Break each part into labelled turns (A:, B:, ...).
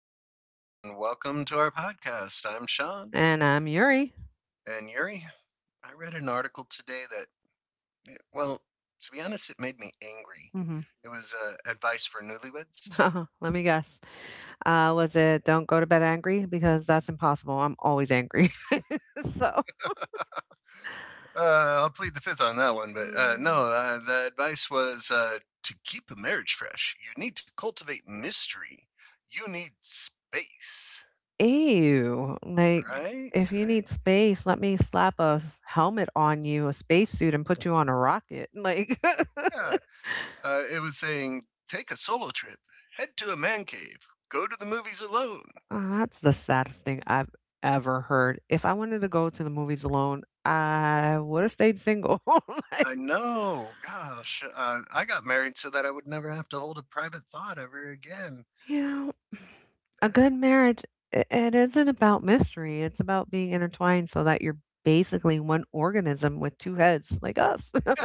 A: everyone, and welcome to our podcast. I'm Sean.
B: And I'm Yuri.
A: And Yuri, I read an article today that, well, to be honest, it made me angry.
B: Mhm.
A: It was advice for newlyweds.
B: Let me guess. Was it "Don't Go to Bed Angry," because that's impossible, I'm always angry. So
A: I'll plead the fifth on that one, but no,
B: Mm.
A: the advice was to keep a marriage fresh, you need to cultivate mystery. You need space,
B: Ew, like,
A: right?
B: if you
A: Right?
B: need space, let me slap a s helmet on you, a spacesuit, and put you on a rocket, like
A: Yeah. It was saying take a solo trip, head to a man cave, go to the movies alone,
B: Oh, that's the saddest thing I've ever heard. If I wanted to go to the movies alone, I woulda stayed single, like
A: I know. Gosh, I got married so that I would never have to hold a private thought ever again.
B: You know, a
A: Yeah.
B: good marriage, I it isn't about mystery. It's about being intertwined so that you're basically one organism with two heads, like us.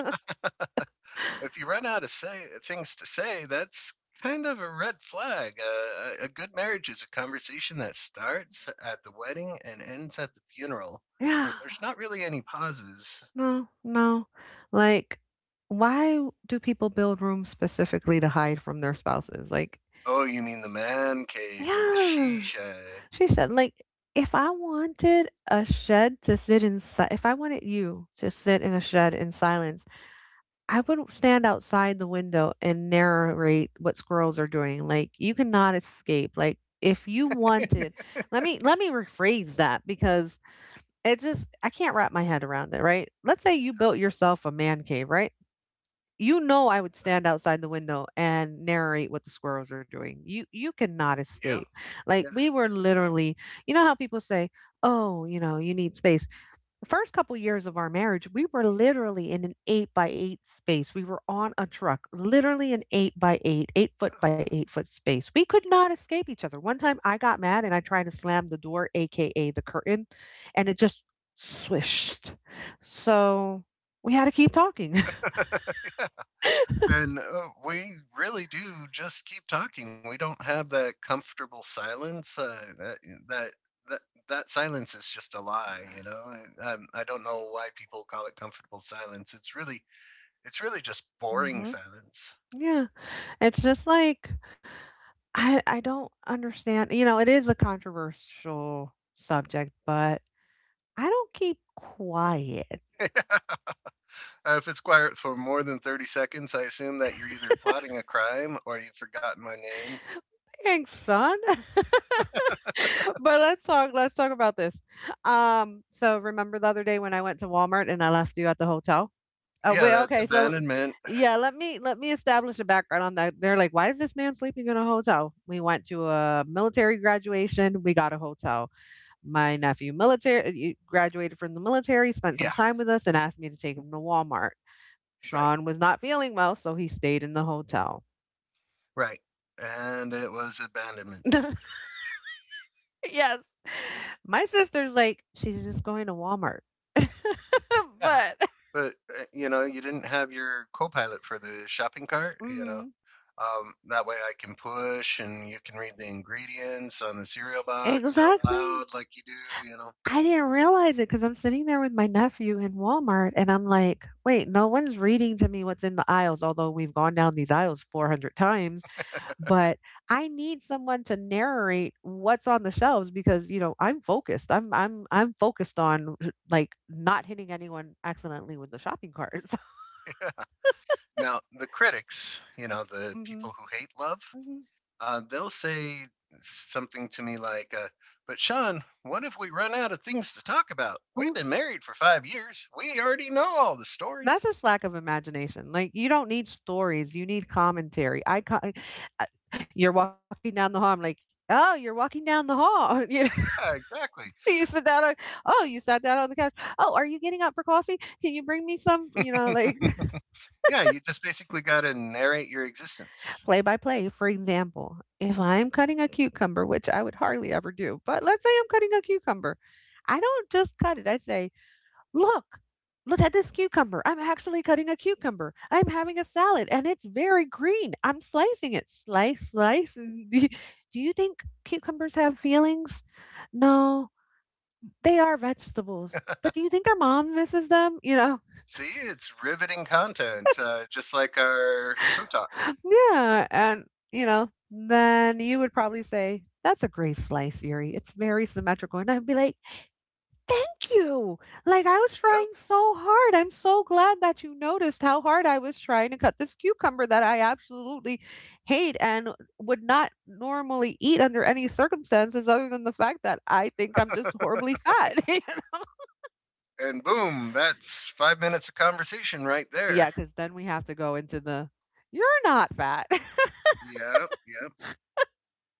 A: If you run out of say things to say, that's kind of a red flag. A good marriage is a conversation that starts at the wedding and ends at the funeral.
B: Yeah,
A: There's not really any pauses.
B: no, no. Like, why do people build rooms specifically to hide from their spouses? Like,
A: Oh, you mean the man cave or the
B: yeah,
A: she shed?
B: she said, like, if I wanted a shed to sit inside, if I wanted you to sit in a shed in silence, I would stand outside the window and narrate what squirrels are doing. Like you cannot escape. Like if you wanted, let me rephrase that because it just I can't wrap my head around it, right? Let's say you built yourself a man cave, right? You know I would stand outside the window and narrate what the squirrels are doing. You cannot
A: Yeah.
B: escape. Like we were literally, you know how people say, "Oh, you know, you need space." The first couple years of our marriage, we were literally in an 8 by 8 space. We were on a truck, literally an 8 by 8, 8 foot by 8 foot space. We could not escape each other. One time I got mad and I tried to slam the door, AKA the curtain, and it just swished. So we had to keep talking.
A: Yeah. And we really do just keep talking. We don't have that comfortable silence. That eh, that that that silence is just a lie, you know. And I don't know why people call it comfortable silence. It's really just boring
B: hmm
A: silence.
B: Yeah. It's just like I don't understand, you know, it is a controversial subject, but I don't keep quiet.
A: If it's quiet for more than 30 seconds, I assume that you're either plotting a crime or you've forgotten my name.
B: Thanks, son. But let's talk about this. So remember the other day when I went to Walmart and I left you at the hotel? Oh,
A: Yeah,
B: wait,
A: that's
B: okay, so
A: abandonment.
B: yeah, let me establish a background on that. They're like, "Why is this man sleeping in a hotel?" We went to a military graduation, we got a hotel. My nephew military graduated from the military, spent some
A: Yeah,
B: time with us and asked me to take him to Walmart.
A: right,
B: Sean was not feeling well, so he stayed in the hotel.
A: right. And it was abandonment.
B: Yes. My sister's like, she's just going to Walmart.
A: Yeah,
B: But
A: but, you know, you didn't have your co-pilot for the shopping cart?
B: mhm.
A: That way I can push and you can read the ingredients on the cereal box out loud
B: Exactly.
A: like you do?
B: I didn't realize it because I'm sitting there with my nephew in Walmart and I'm like, wait, no one's reading to me what's in the aisles, although we've gone down these aisles 400 times. But I need someone to narrate what's on the shelves because you know I'm focused. I'm focused on like not hitting anyone accidentally with the shopping carts.
A: Now, the critics, you know, the
B: Mhm.
A: people who hate love,
B: Mhm.
A: they'll say something to me like, but Sean, what if we run out of things to talk about? We've
B: Mhm.
A: been married for 5 years. We already know all the
B: That's
A: stories.
B: just lack of imagination. Like you don't need stories. You need commentary. I, co- I you're walking down the hall. I'm like, oh, you're walking down the hall. You know,
A: Yeah, exactly.
B: you sit oh, you sat down on the couch. Oh, are you getting up for coffee? Can you bring me some? You know, like
A: Yeah, you just basically got to narrate your existence.
B: play by play. For example, if I'm cutting a cucumber, which I would hardly ever do, but let's say I'm cutting a cucumber, I don't just cut it. I say, look, look at this cucumber. I'm actually cutting a cucumber. I'm having a salad and it's very green. I'm slicing it. Slice, slice. Do you do you think cucumbers have feelings? No, they are vegetables. But do you think our mom misses them? You know,
A: See, it's riveting content, just like our poo talk.
B: Yeah, and, you know, then you would probably say, "That's a great slice, Yuri. It's very symmetrical." And I'd be like, "Thank you. Like, I was
A: Yep.
B: trying so hard. I'm so glad that you noticed how hard I was trying to cut this cucumber that I absolutely hate and would not normally eat under any circumstances other than the fact that I think I'm just horribly fat."
A: And boom, that's 5 minutes of conversation right there.
B: Yeah, because then we have to go into the, "You're not fat."
A: Yep, yep.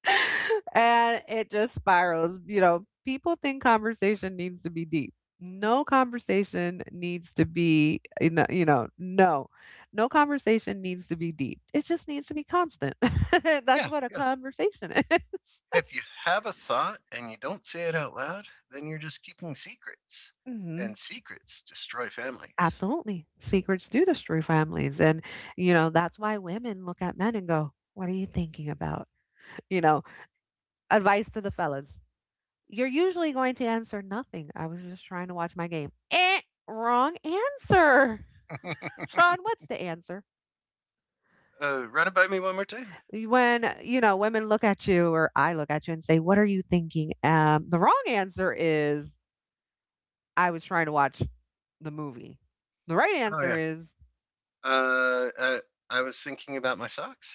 B: And it just spirals. You know, people think conversation needs to be deep. No conversation needs to be, you know, no, no conversation needs to be deep. It just needs to be constant. That's
A: Yeah,
B: what a
A: yeah.
B: conversation is.
A: If you have a thought and you don't say it out loud, then you're just keeping secrets.
B: hmm
A: And secrets destroy families.
B: Absolutely. Secrets do destroy families. And, you know, that's why women look at men and go, "What are you thinking about?" You know, advice to the fellas: you're usually going to answer nothing. I was just trying to watch my game. Eh, wrong answer. Sean, what's the answer?
A: Run it by me one more time.
B: When you know, women look at you or I look at you and say, "What are you thinking?" The wrong answer is, I was trying to watch the movie. The right
A: Oh,
B: answer
A: yeah.
B: is,
A: Uh, uh, I was thinking about my socks.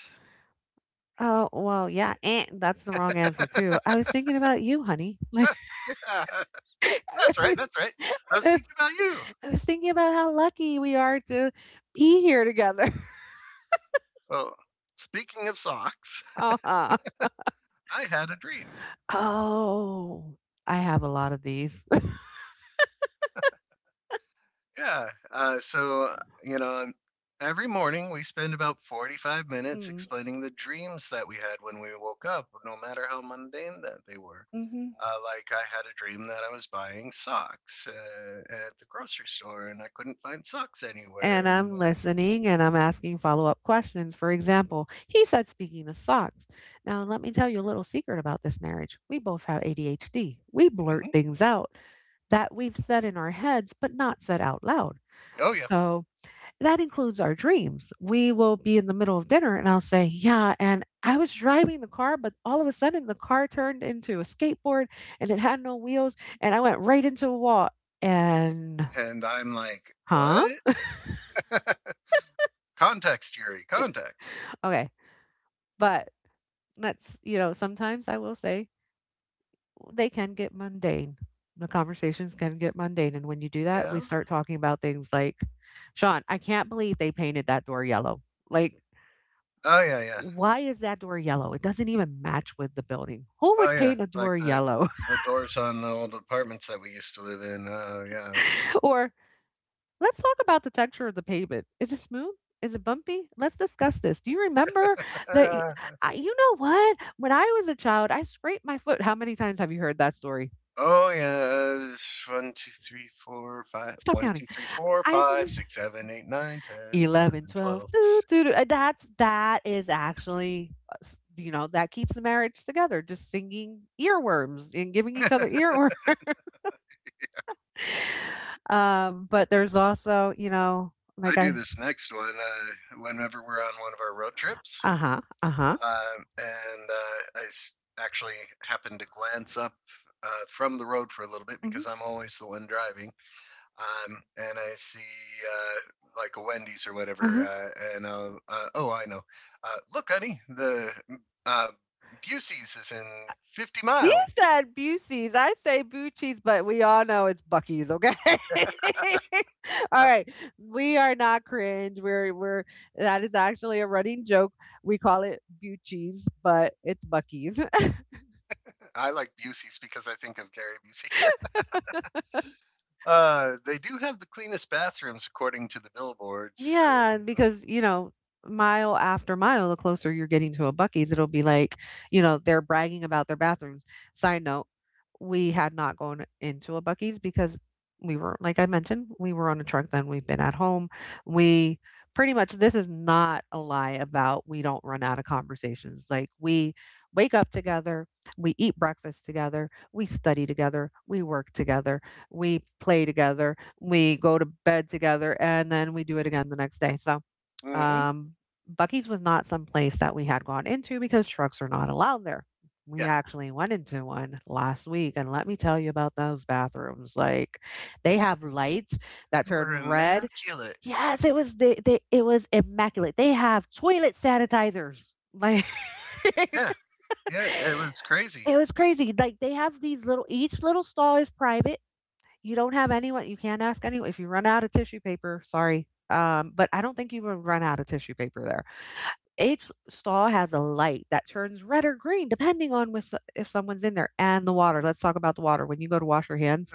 B: oh, well, yeah, eh, that's the wrong answer too. I
A: That's
B: was thinking about you, honey. Like,
A: right, that's right. I was
B: I
A: thinking about you.
B: was thinking about how lucky we are to be here together.
A: Well, speaking of socks.
B: Uh-huh.
A: I had a dream.
B: Oh, I have a lot of these.
A: Yeah. So, you know, every morning we spend about 45 minutes
B: Mm,
A: explaining the dreams that we had when we woke up, no matter how mundane that they were.
B: mhm.
A: Like, I had a dream that I was buying socks at the grocery store and I couldn't find socks anywhere.
B: And
A: And,
B: I'm listening and I'm asking follow up questions. For example, he said, speaking of socks, now let me tell you a little secret about this marriage. We both have ADHD. We blurt
A: mhm.
B: things out that we've said in our heads, but not said out loud.
A: Oh, yeah.
B: So that includes our dreams. We will be in the middle of dinner and I'll say, yeah, and I was driving the car, but all of a sudden the car turned into a skateboard and it had no wheels and I went right into a wall. And,
A: And I'm like,
B: huh?
A: what? Context, Yuri, context.
B: Okay. But let's, you know, sometimes I will say they can get mundane. The conversations can get mundane. And when you do that,
A: Yeah.
B: we start talking about things like, Sean, I can't believe they painted that door yellow. Like,
A: Oh, yeah, yeah.
B: why is that door yellow? It doesn't even match with the building. Who
A: Oh,
B: would
A: yeah.
B: paint a
A: Like
B: door
A: the.
B: yellow?
A: The doors on the old apartments that we used to live in. Oh, yeah.
B: Or let's talk about the texture of the pavement. Is it smooth? Is it bumpy? Let's discuss this. Do you remember that? y-
A: Uh,
B: You know what? When I was a child, I scraped my foot. How many times have you heard that story?
A: oh yeah, it's one, two, three, four, five.
B: Stop
A: One,
B: counting.
A: two, three, four,
B: I s-
A: five, six, seven, eight, nine, 10,
B: 11
A: 11,
B: 12.
A: 12.
B: Doo, doo, doo. And That's that is actually, you know, that keeps the marriage together. Just singing earworms and giving each other earworms. But there's also, you know,
A: I
B: like
A: do
B: I
A: this next one whenever we're on one of our road trips,
B: Uh-huh, uh-huh.
A: um, and uh, I s- actually happen to glance up from the road for a little bit
B: Mhm.
A: because I'm always the one driving. And I see like a Wendy's or whatever,
B: Uh-huh.
A: oh, I know. Uh, Look, honey, the uh, Busey's is in 50
B: He
A: miles.
B: said buc, I say buc, but we all know it's buc, okay? Alright, we are not cringe, we're that is actually a running joke, we call it buc but it's buc
A: I like Busey's because I think of Gary Busey. They do have the cleanest bathrooms according to the billboards.
B: Yeah, because, you know, mile after mile, the closer you're getting to a Bucky's, it'll be like, you know, they're bragging about their bathrooms. Side note, we had not gone into a Bucky's because we were, like I mentioned, we were on a truck then. We've been at home. We pretty much, this is not a lie about we don't run out of conversations. Like we wake up together, we eat breakfast together, we study together, we work together, we play together, we go to bed together and then we do it again the next day. So,
A: Mm hmm.
B: um, Bucky's was not some place that we had gone into because trucks are not allowed there. We
A: Yeah,
B: actually went into one last week, and let me tell you about those bathrooms. Like, they have lights that
A: you were
B: turn red.
A: immaculate.
B: Yes, it was immaculate. They have toilet sanitizers. Like, it
A: Yeah, yeah, it was crazy.
B: was crazy. Like, they have these little. Each little stall is private. You can't ask anyone if you run out of tissue paper, but I don't think you will run out of tissue paper there. Each stall has a light that turns red or green depending on with if someone's in there and the water. Let's talk about the water. When you go to wash your hands,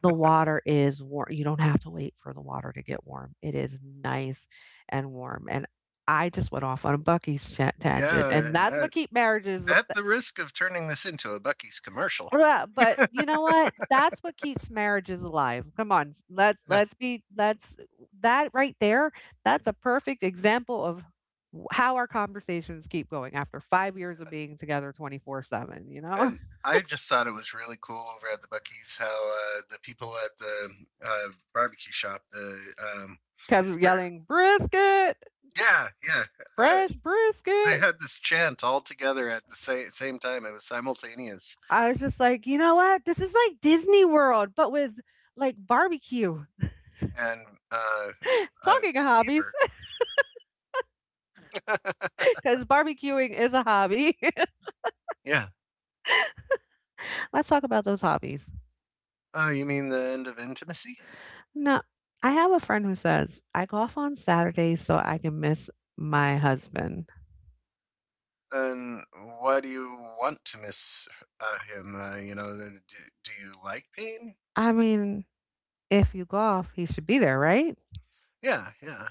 B: the water is warm. You don't have to wait for the water to get warm. It is nice and warm. And I just went off on a Bucky's tangent,
A: Yeah,
B: and that's what keep marriages
A: at the risk of turning this into a Bucky's commercial.
B: ugh, but you know what? That's what keeps marriages alive. Come on, s-
A: Yeah,
B: let's be let's that right there. That's a perfect example of how our conversations keep going after 5 years of being together 24/7. You know,
A: and I just thought it was really cool over at the Bucky's how the people at the uh, barbecue shop, the um,
B: kept
A: were,
B: yelling brisket,
A: yeah, yeah, uh,
B: fresh
A: they
B: brisket.
A: had this chant all together at the same time. It was simultaneous,
B: I was just like, you know what? This is like Disney World, but with like barbecue.
A: and uh, uh,
B: Talking of hobbies,
A: Beaver,
B: because barbecuing is a hobby.
A: yeah.
B: Let's talk about those hobbies.
A: Oh, you mean the end of intimacy?
B: No, I have a friend who says, "I go off on Saturdays so I can miss my husband."
A: And why do you want to miss him? Do you like pain?
B: I mean, if you golf, he should be there, right?
A: Yeah, yeah.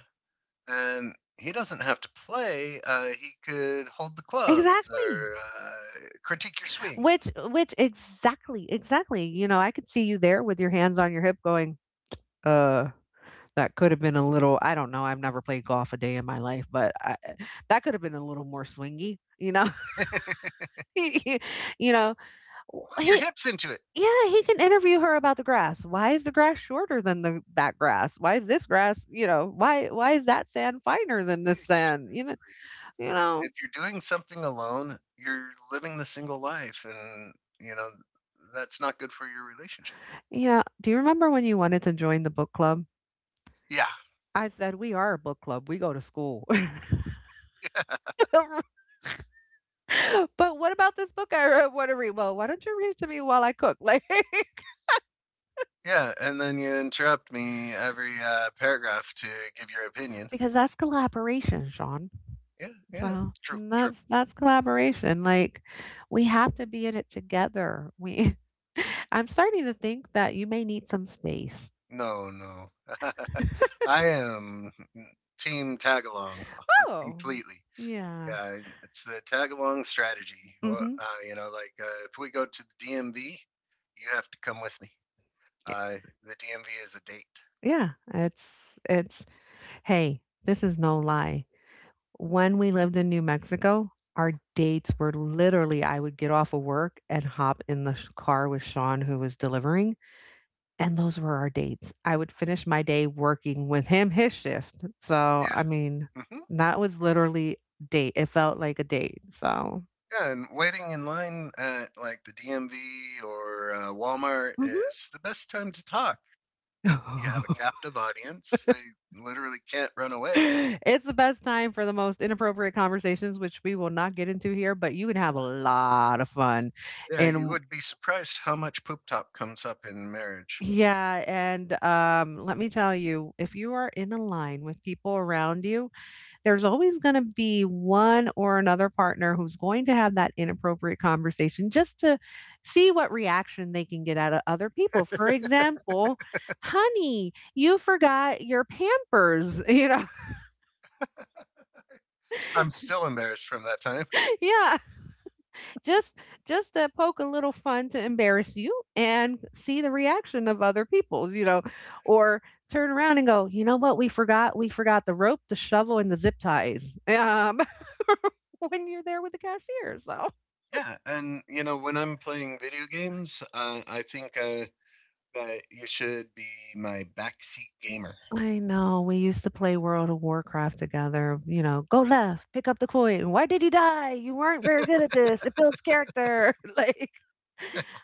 A: And he doesn't have to play. He could hold the clubs
B: Exactly.
A: or critique your swing.
B: Exactly, exactly. You know, I could see you there with your hands on your hip going, uh, that could have been a little, I don't know. I've never played golf a day in my life, but that could have been a little more swingy, you know?
A: Put
B: you know,
A: your
B: he,
A: hips into it.
B: Yeah, he can interview her about the grass. Why is the grass shorter than the that grass? Why is this grass, why is that sand finer than this
A: Exactly.
B: sand? You know,
A: If you're doing something alone, you're living the single life, and you know that's not good for your relationship.
B: Do you remember when you wanted to join the book club?
A: Yeah,
B: I said we are a book club. We go to school.
A: yeah,
B: But what about this book I want to read? Well, why don't you read it to me while I cook?
A: yeah, and then you interrupt me every paragraph to give your opinion.
B: Because that's collaboration, Sean.
A: Yeah, yeah.
B: So,
A: True,
B: and
A: true.
B: that's collaboration, we have to be in it together, we I'm starting to think that you may need some space.
A: No, no. I am team tagalong
B: Oh.
A: completely.
B: Yeah.
A: Yeah, it's the tagalong strategy. Well,
B: Mhm.
A: like if we go to the DMV, you have to come with me.
B: Y
A: Uh, the DMV is a date.
B: yeah, it's hey, this is no lie. When we lived in New Mexico, our dates were literally I would get off of work and hop in the sh car with Sean, who was delivering. And those were our dates. I would finish my day working with him his shift. So, I mean,
A: Yeah. Hmm.
B: that was literally date. It felt like a date. So,
A: Yeah, and waiting in line at like the DMV or Walmart
B: mhm.
A: is the best time to talk. You have a captive audience, they literally can't run away.
B: It's the best time for the most inappropriate conversations, which we will not get into here, but you can have a lot of fun.
A: Yeah, you
B: And
A: would be surprised how much poop top comes up in marriage.
B: Yeah, and let me tell you, if you are in a line with people around you, there's always going to be one or another partner who's going to have that inappropriate conversation just to see what reaction they can get out of other people. For example, honey, you forgot your Pampers, you know.
A: I'm still embarrassed from that time.
B: Yeah, just just to poke a little fun to embarrass you and see the reaction of other people's, you know, or turn around and go, "You know what? We forgot the rope, the shovel and the zip ties." When you're there with the cashier. So
A: Yeah, and you know when I'm playing video games, I think that you should be my backseat gamer.
B: I know, we used to play World of Warcraft together, you know, "Go left, pick up the coin. Why did you die? You weren't very good at this. It builds character." Like,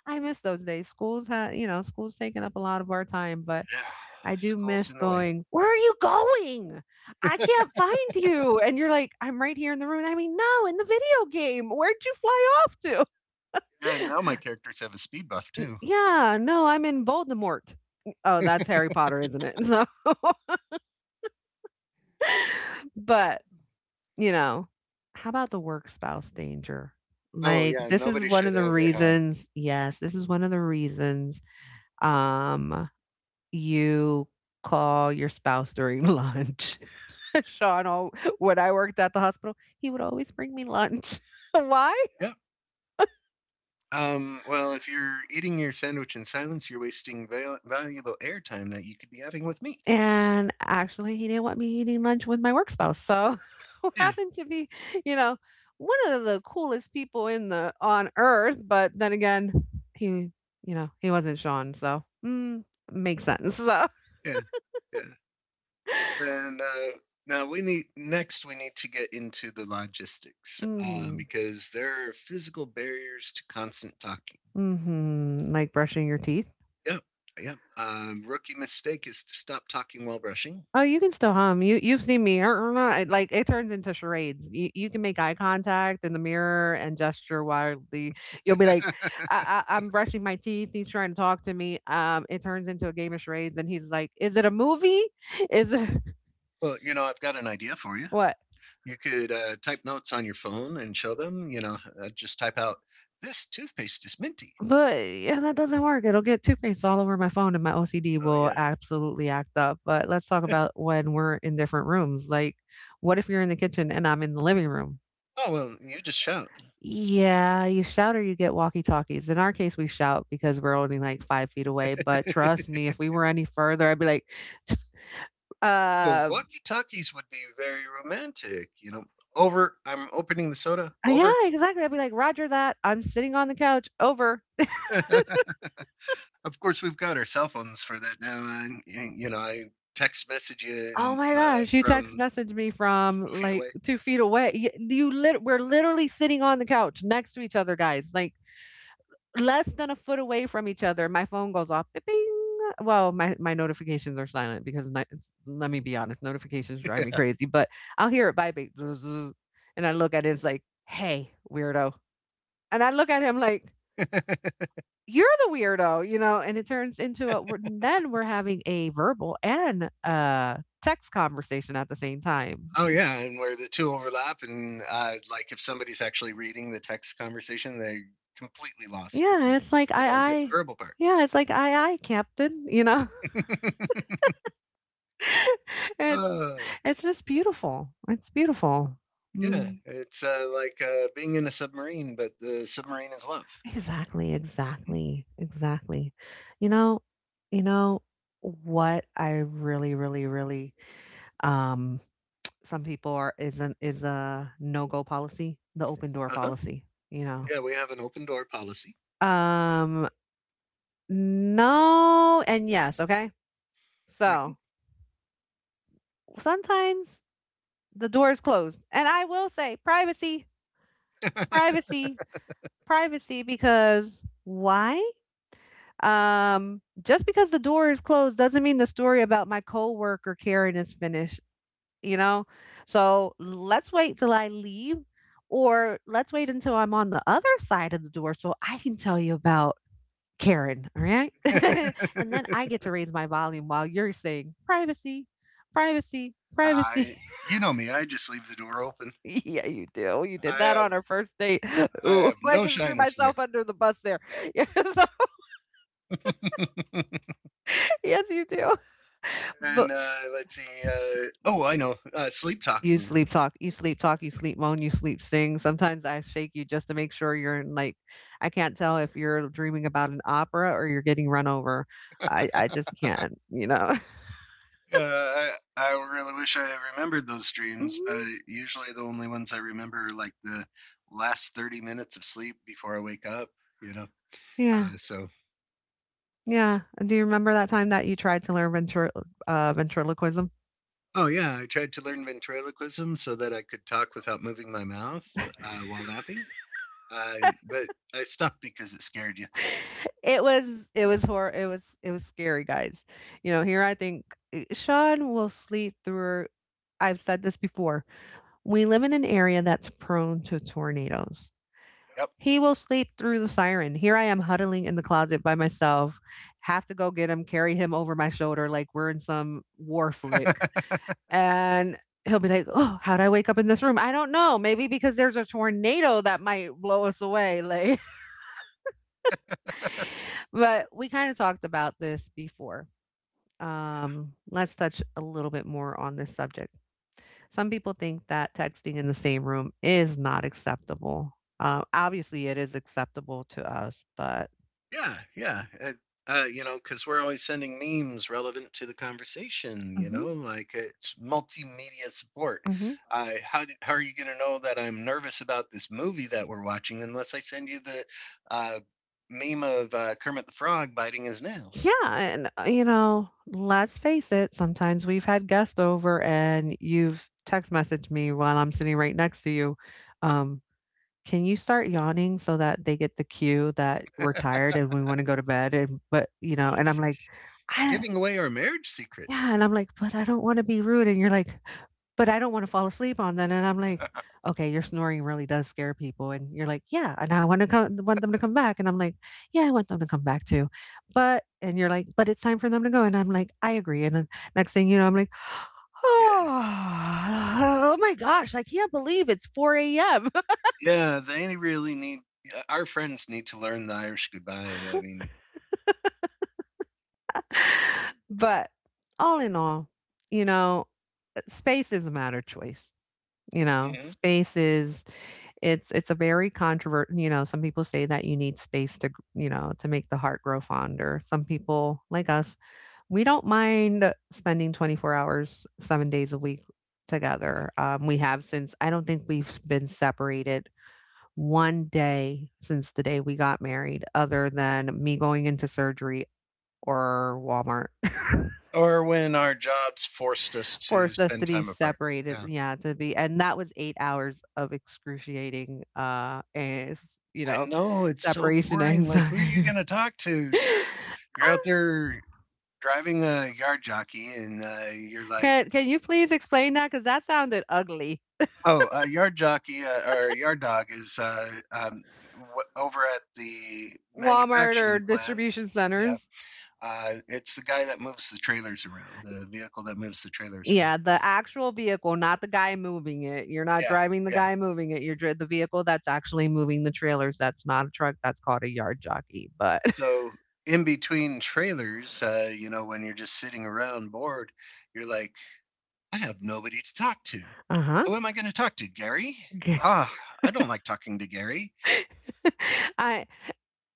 B: I miss those days. You know, school's taking up a lot of our time, but
A: Yeah,
B: I do
A: school's
B: miss
A: in the way.
B: going, "Where are you going? I can't find you." And you're like, "I'm right here in the room." I mean, "No, in the video game. Where'd you fly off to?"
A: Yeah, now my characters have a speed buff too.
B: Yeah, no, I'm in Voldemort. Oh, that's Harry Potter, isn't it? So, but you know? How about the work spouse danger?
A: Oh
B: Like,
A: yeah, nobody should ever have.
B: this is one of the reasons, um, you call your spouse during lunch. Sean al When I worked at the hospital, he would always bring me lunch. Why?
A: Yeah. Well, if you're eating your sandwich in silence, you're wasting valuable airtime that you could be having with me.
B: And actually, he didn't want me eating lunch with my work spouse, so who
A: Yeah.
B: happened to be, you know, one of the coolest people in the on earth, but then again, he you know, he wasn't Sean, so, makes sense, so
A: Yeah. Yeah. And now we need next we need to get into the logistics um,
B: mhm,
A: because there are physical barriers to constant talking.
B: mhm, like brushing your teeth?
A: Yep, yep. Rookie mistake is to stop talking while brushing.
B: Oh, you can still hum. You've seen me. Nah, it- like it turns into charades. You can make eye contact in the mirror and gesture wildly. You'll be like, I'm brushing my teeth. He's trying to talk to me. It turns into a game of charades, and he's like, is it a movie? Is it
A: Well, you know, I've got an idea for you.
B: what?
A: You could type notes on your phone and show them. You know, just type out this toothpaste is minty.
B: But yeah, that doesn't work. It'll get toothpaste faced all over my phone, and my OCD
A: Oh
B: will
A: yeah.
B: absolutely act up. But let's talk about when we're in different rooms. Like, what if you're in the kitchen and I'm in the living room?
A: Oh well, you just shout.
B: Yeah, you shout or you get walkie-talkies. In our case, we shout because we're only like 5 feet away, but trust me, if we were any further, I'd be like,
A: Well,
B: uh,
A: walkie talkies would be very romantic. You know, over. I'm opening the soda.
B: yeah,
A: Over.
B: exactly. I'd be like, "Roger that. I'm sitting on the couch. Over."
A: Of course, we've got our cell phones for that now. You know, I text message you
B: Oh
A: and
B: my gosh, you text
A: from
B: messaged me from
A: 2 feet
B: like
A: away.
B: 2 feet away. Y- You lit We're literally sitting on the couch next to each other, guys. Like less than a foot away from each other, my phone goes off. Bing. Bing. Well, my notifications are silent because let me be honest, notifications drive me crazy. But I'll hear it vibrate, zzzz, and I look at it. It's like, hey, weirdo, and I look at him like. You're the weirdo, you know, and it turns into a. Then we're having a verbal and text conversation at the same time.
A: Oh yeah, and where the two overlap, and like if somebody's actually reading the text conversation, they're completely lost
B: Yeah,
A: because
B: it's like
A: they
B: I,
A: don't get the
B: I,
A: verbal part.
B: yeah, it's like Captain, you know. It's
A: uh,
B: it's just beautiful. It's beautiful.
A: yeah,
B: Mm.
A: it's like being in a submarine, but the submarine is love.
B: Exactly,
A: Mhm.
B: exactly, exactly. You know, you know what I really, really, really um some people are is an is a no go policy, the open door
A: Uh-huh.
B: policy, you know.
A: Yeah, we have an open door policy.
B: Um no and yes, okay? So sometimes the door is closed. And I will say privacy, privacy, privacy, because why? Just because the door is closed doesn't mean the story about my coworker Karen is finished, you know? So let's wait till I leave, or let's wait until I'm on the other side of the door so I can tell you about Karen. All right. And then I get to raise my volume while you're saying privacy, privacy, privacy.
A: I, you know me, I just leave the door open.
B: Yeah, you do. You did
A: I
B: that
A: have
B: on our first date.
A: I
B: Ooh,
A: have
B: I
A: no
B: just threw
A: shyness there.
B: myself under the bus there. Yeah, so- yes, you do.
A: And let's see. Oh, I know. Sleep
B: You
A: talking.
B: sleep talk, you sleep talk, you sleep moan, you sleep sing. Sometimes I shake you just to make sure you're in, like I can't tell if you're dreaming about an opera or you're getting run over. I just can't, you know?
A: Uh, I I really wish I had remembered those streams, but
B: Mhm.
A: usually the only ones I remember are like the last 30 minutes of sleep before I wake up. You know.
B: Yeah.
A: Uh, so.
B: Yeah. Do you remember that time that you tried to learn ventriloquism?
A: Oh yeah, I tried to learn ventriloquism so that I could talk without moving my mouth while napping. Uh, but I stopped because it scared you.
B: It was hor it was scary, guys. You know, here I think Sean will sleep through. I've said this before. We live in an area that's prone to tornadoes. He will sleep through the siren. Here I am huddling in the closet by myself, have to go get him, carry him over my shoulder like we're in some war flick.
A: Yep.
B: And he'll be like, oh, how'd I wake up in this room? I don't know. Maybe because there's a tornado that might blow us away. Like, but we kind of talked about this before. Let's touch a little bit more on this subject. Some people think that texting in the same room is not acceptable. Obviously, it is acceptable to us, but
A: Yeah, yeah. You know, because we're always sending memes relevant to the conversation. You
B: mhm.
A: know, like it's multimedia support. How are you going to know that I'm nervous about this movie that we're watching unless I send you the uh, meme of Kermit the Frog biting his
B: Yeah,
A: nails?
B: and, you know, let's face it, sometimes we've had guests over and you've text messaged me while I'm sitting right next to you. Um, can you start yawning so that they get the cue that we're tired and we want to go to bed? And But you know, and I'm like,
A: You're
B: I
A: giving away our marriage secrets.
B: yeah, and I'm like, "But I don't wanna be rude," and you're like, "But I don't wanna fall asleep on that," and I'm like, "Okay, your snoring really does scare people," and you're like, "Yeah, and I wanna come want them to come back," and I'm like, "Yeah, I want them to come back too," but and you're like, "But it's time for them to go," and I'm like, "I agree," and then next thing you know, I'm like,
A: Yeah,
B: "Oh oh my gosh, I can't believe it's 4 a.m.,"
A: yeah. They really need our friends need to learn the Irish goodbye. I mean,
B: but all in all, you know, space is a matter of choice, you know,
A: mhm.
B: space is it's a very controvert you know, some people say that you need space to, you know, to make the heart grow fonder. Some people, like us, we don't mind spending 24 hours, 7 days a week together. We have since I don't think we've been separated 1 day since the day we got married other than me going into surgery or Walmart.
A: Or when our jobs forced us to
B: Forced us to
A: spend
B: be
A: time apart.
B: separated,
A: Yeah.
B: yeah, to be and that was 8 hours of excruciating, is you
A: I
B: know,
A: know it's so
B: separation
A: boring. Like, who are you
B: anxiety.
A: going to talk to? You're out there driving a yard jockey, and you're like,
B: Can you please explain that? Because that sounded ugly.
A: oh, a yard jockey or a yard dog is w- over at the
B: Walmart or
A: manufacturing plants.
B: distribution
A: Yeah,
B: centers?
A: it's the guy that moves the trailers around, the vehicle that moves the trailers around.
B: Yeah, the actual vehicle, not the guy moving it. You're not
A: Yeah,
B: driving the
A: yeah.
B: guy moving it, you're dri the vehicle that's actually moving the trailers, that's not a truck, that's called a yard jockey, but
A: So in between trailers, you know, when you're just sitting around bored, you're like, I have nobody to talk to.
B: uh-huh.
A: Who am I going to talk to, Gary?
B: Okay.
A: Ah, I don't like talking to Gary.
B: I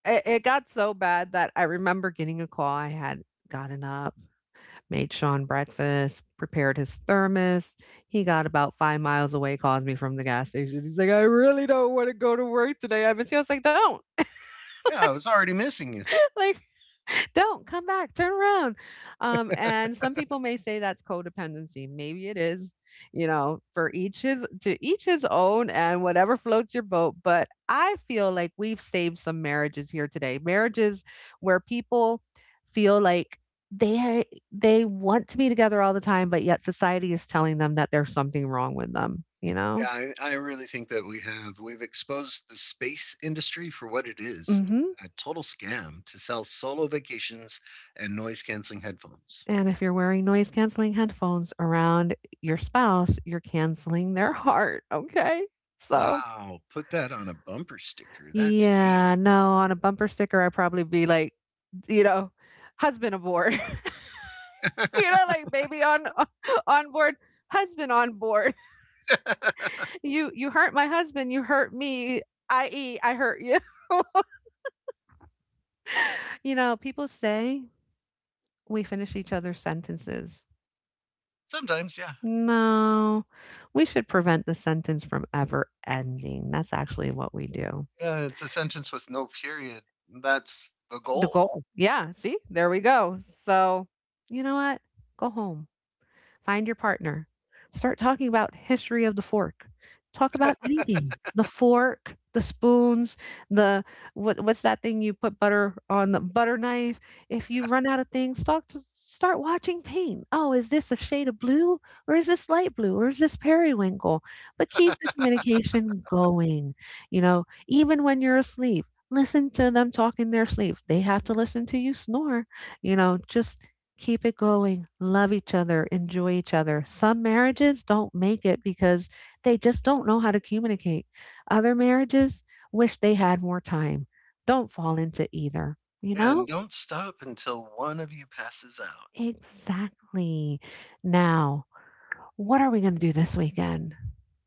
B: It it got so bad that I remember getting a call. I had gotten up, made Sean breakfast, prepared his thermos. He got about 5 miles away, calls me from the gas station. He's like, "I really don't wanna go to work today." I was like, "Don't.
A: Yeah, I was already missing you.
B: Like don't come back, turn around." Um, and some people may say that's codependency, maybe it is, you know, for each his to each his own, and whatever floats your boat, but I feel like we've saved some marriages here today. Marriages where people feel like they they want to be together all the time, but yet society is telling them that there's something wrong with them, you know.
A: Yeah, I really think that we've exposed the space industry for what it is,
B: Mhm.
A: a total scam to sell solo vacations and noise canceling headphones.
B: And if you're wearing noise canceling headphones around your spouse, you're canceling their heart. Okay. So,
A: Wow, put that on a bumper sticker. That's deep.
B: yeah, no, on a bumper sticker, I'd probably be like, you know, husband aboard, you know, like baby on board, husband on board. You hurt my husband, you hurt me, i.e., I hurt you. You know, people say we finish each other's sentences.
A: Sometimes, yeah.
B: No, we should prevent the sentence from ever ending. That's actually what we do.
A: Yeah, it's a sentence with no period. That's the
B: The
A: goal.
B: goal. Yeah, see? There we go. So, you know what? Go home. Find your partner. Start talking about history of the fork. Talk about anything. The fork, the spoons, the what, what's that thing you put butter on the butter knife? If you
A: Yeah,
B: run out of things, talk to start watching paint. Oh, is this a shade of blue or is this light blue or is this periwinkle? But keep the communication going. You know, even when you're asleep, listen to them talk in their sleep. They have to listen to you snore. You know, just keep it going. Love each other. Enjoy each other. Some marriages don't make it because they just don't know how to communicate. Other marriages wish they had more time. Don't fall into either, you
A: Yeah, and
B: know?
A: don't stop until one of you passes out.
B: Exactly. Now, what are we going to do this weekend?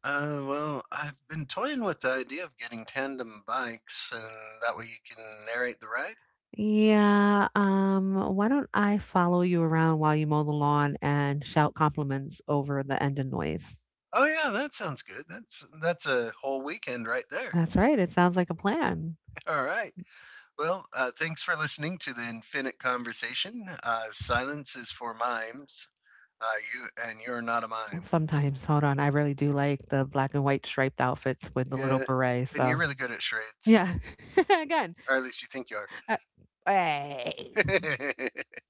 A: Well, I've been toying with the idea of getting tandem bikes, and that way you can narrate the ride.
B: Yeah, why don't I follow you around while you mow the lawn and shout compliments over the engine noise?
A: Oh yeah, that sounds good. That's a whole weekend right there.
B: That's right. It sounds like a plan.
A: All right. Well, thanks for listening to the Infinite Conversation. Silence is for mimes. You're not a mime.
B: Sometimes, hold on, I really do like the black and white striped outfits with the yeah, little
A: Yeah,
B: beret,
A: and you're
B: so
A: really good at charades,
B: yeah. Again,
A: or at least you think you
B: uh, ay.
A: are.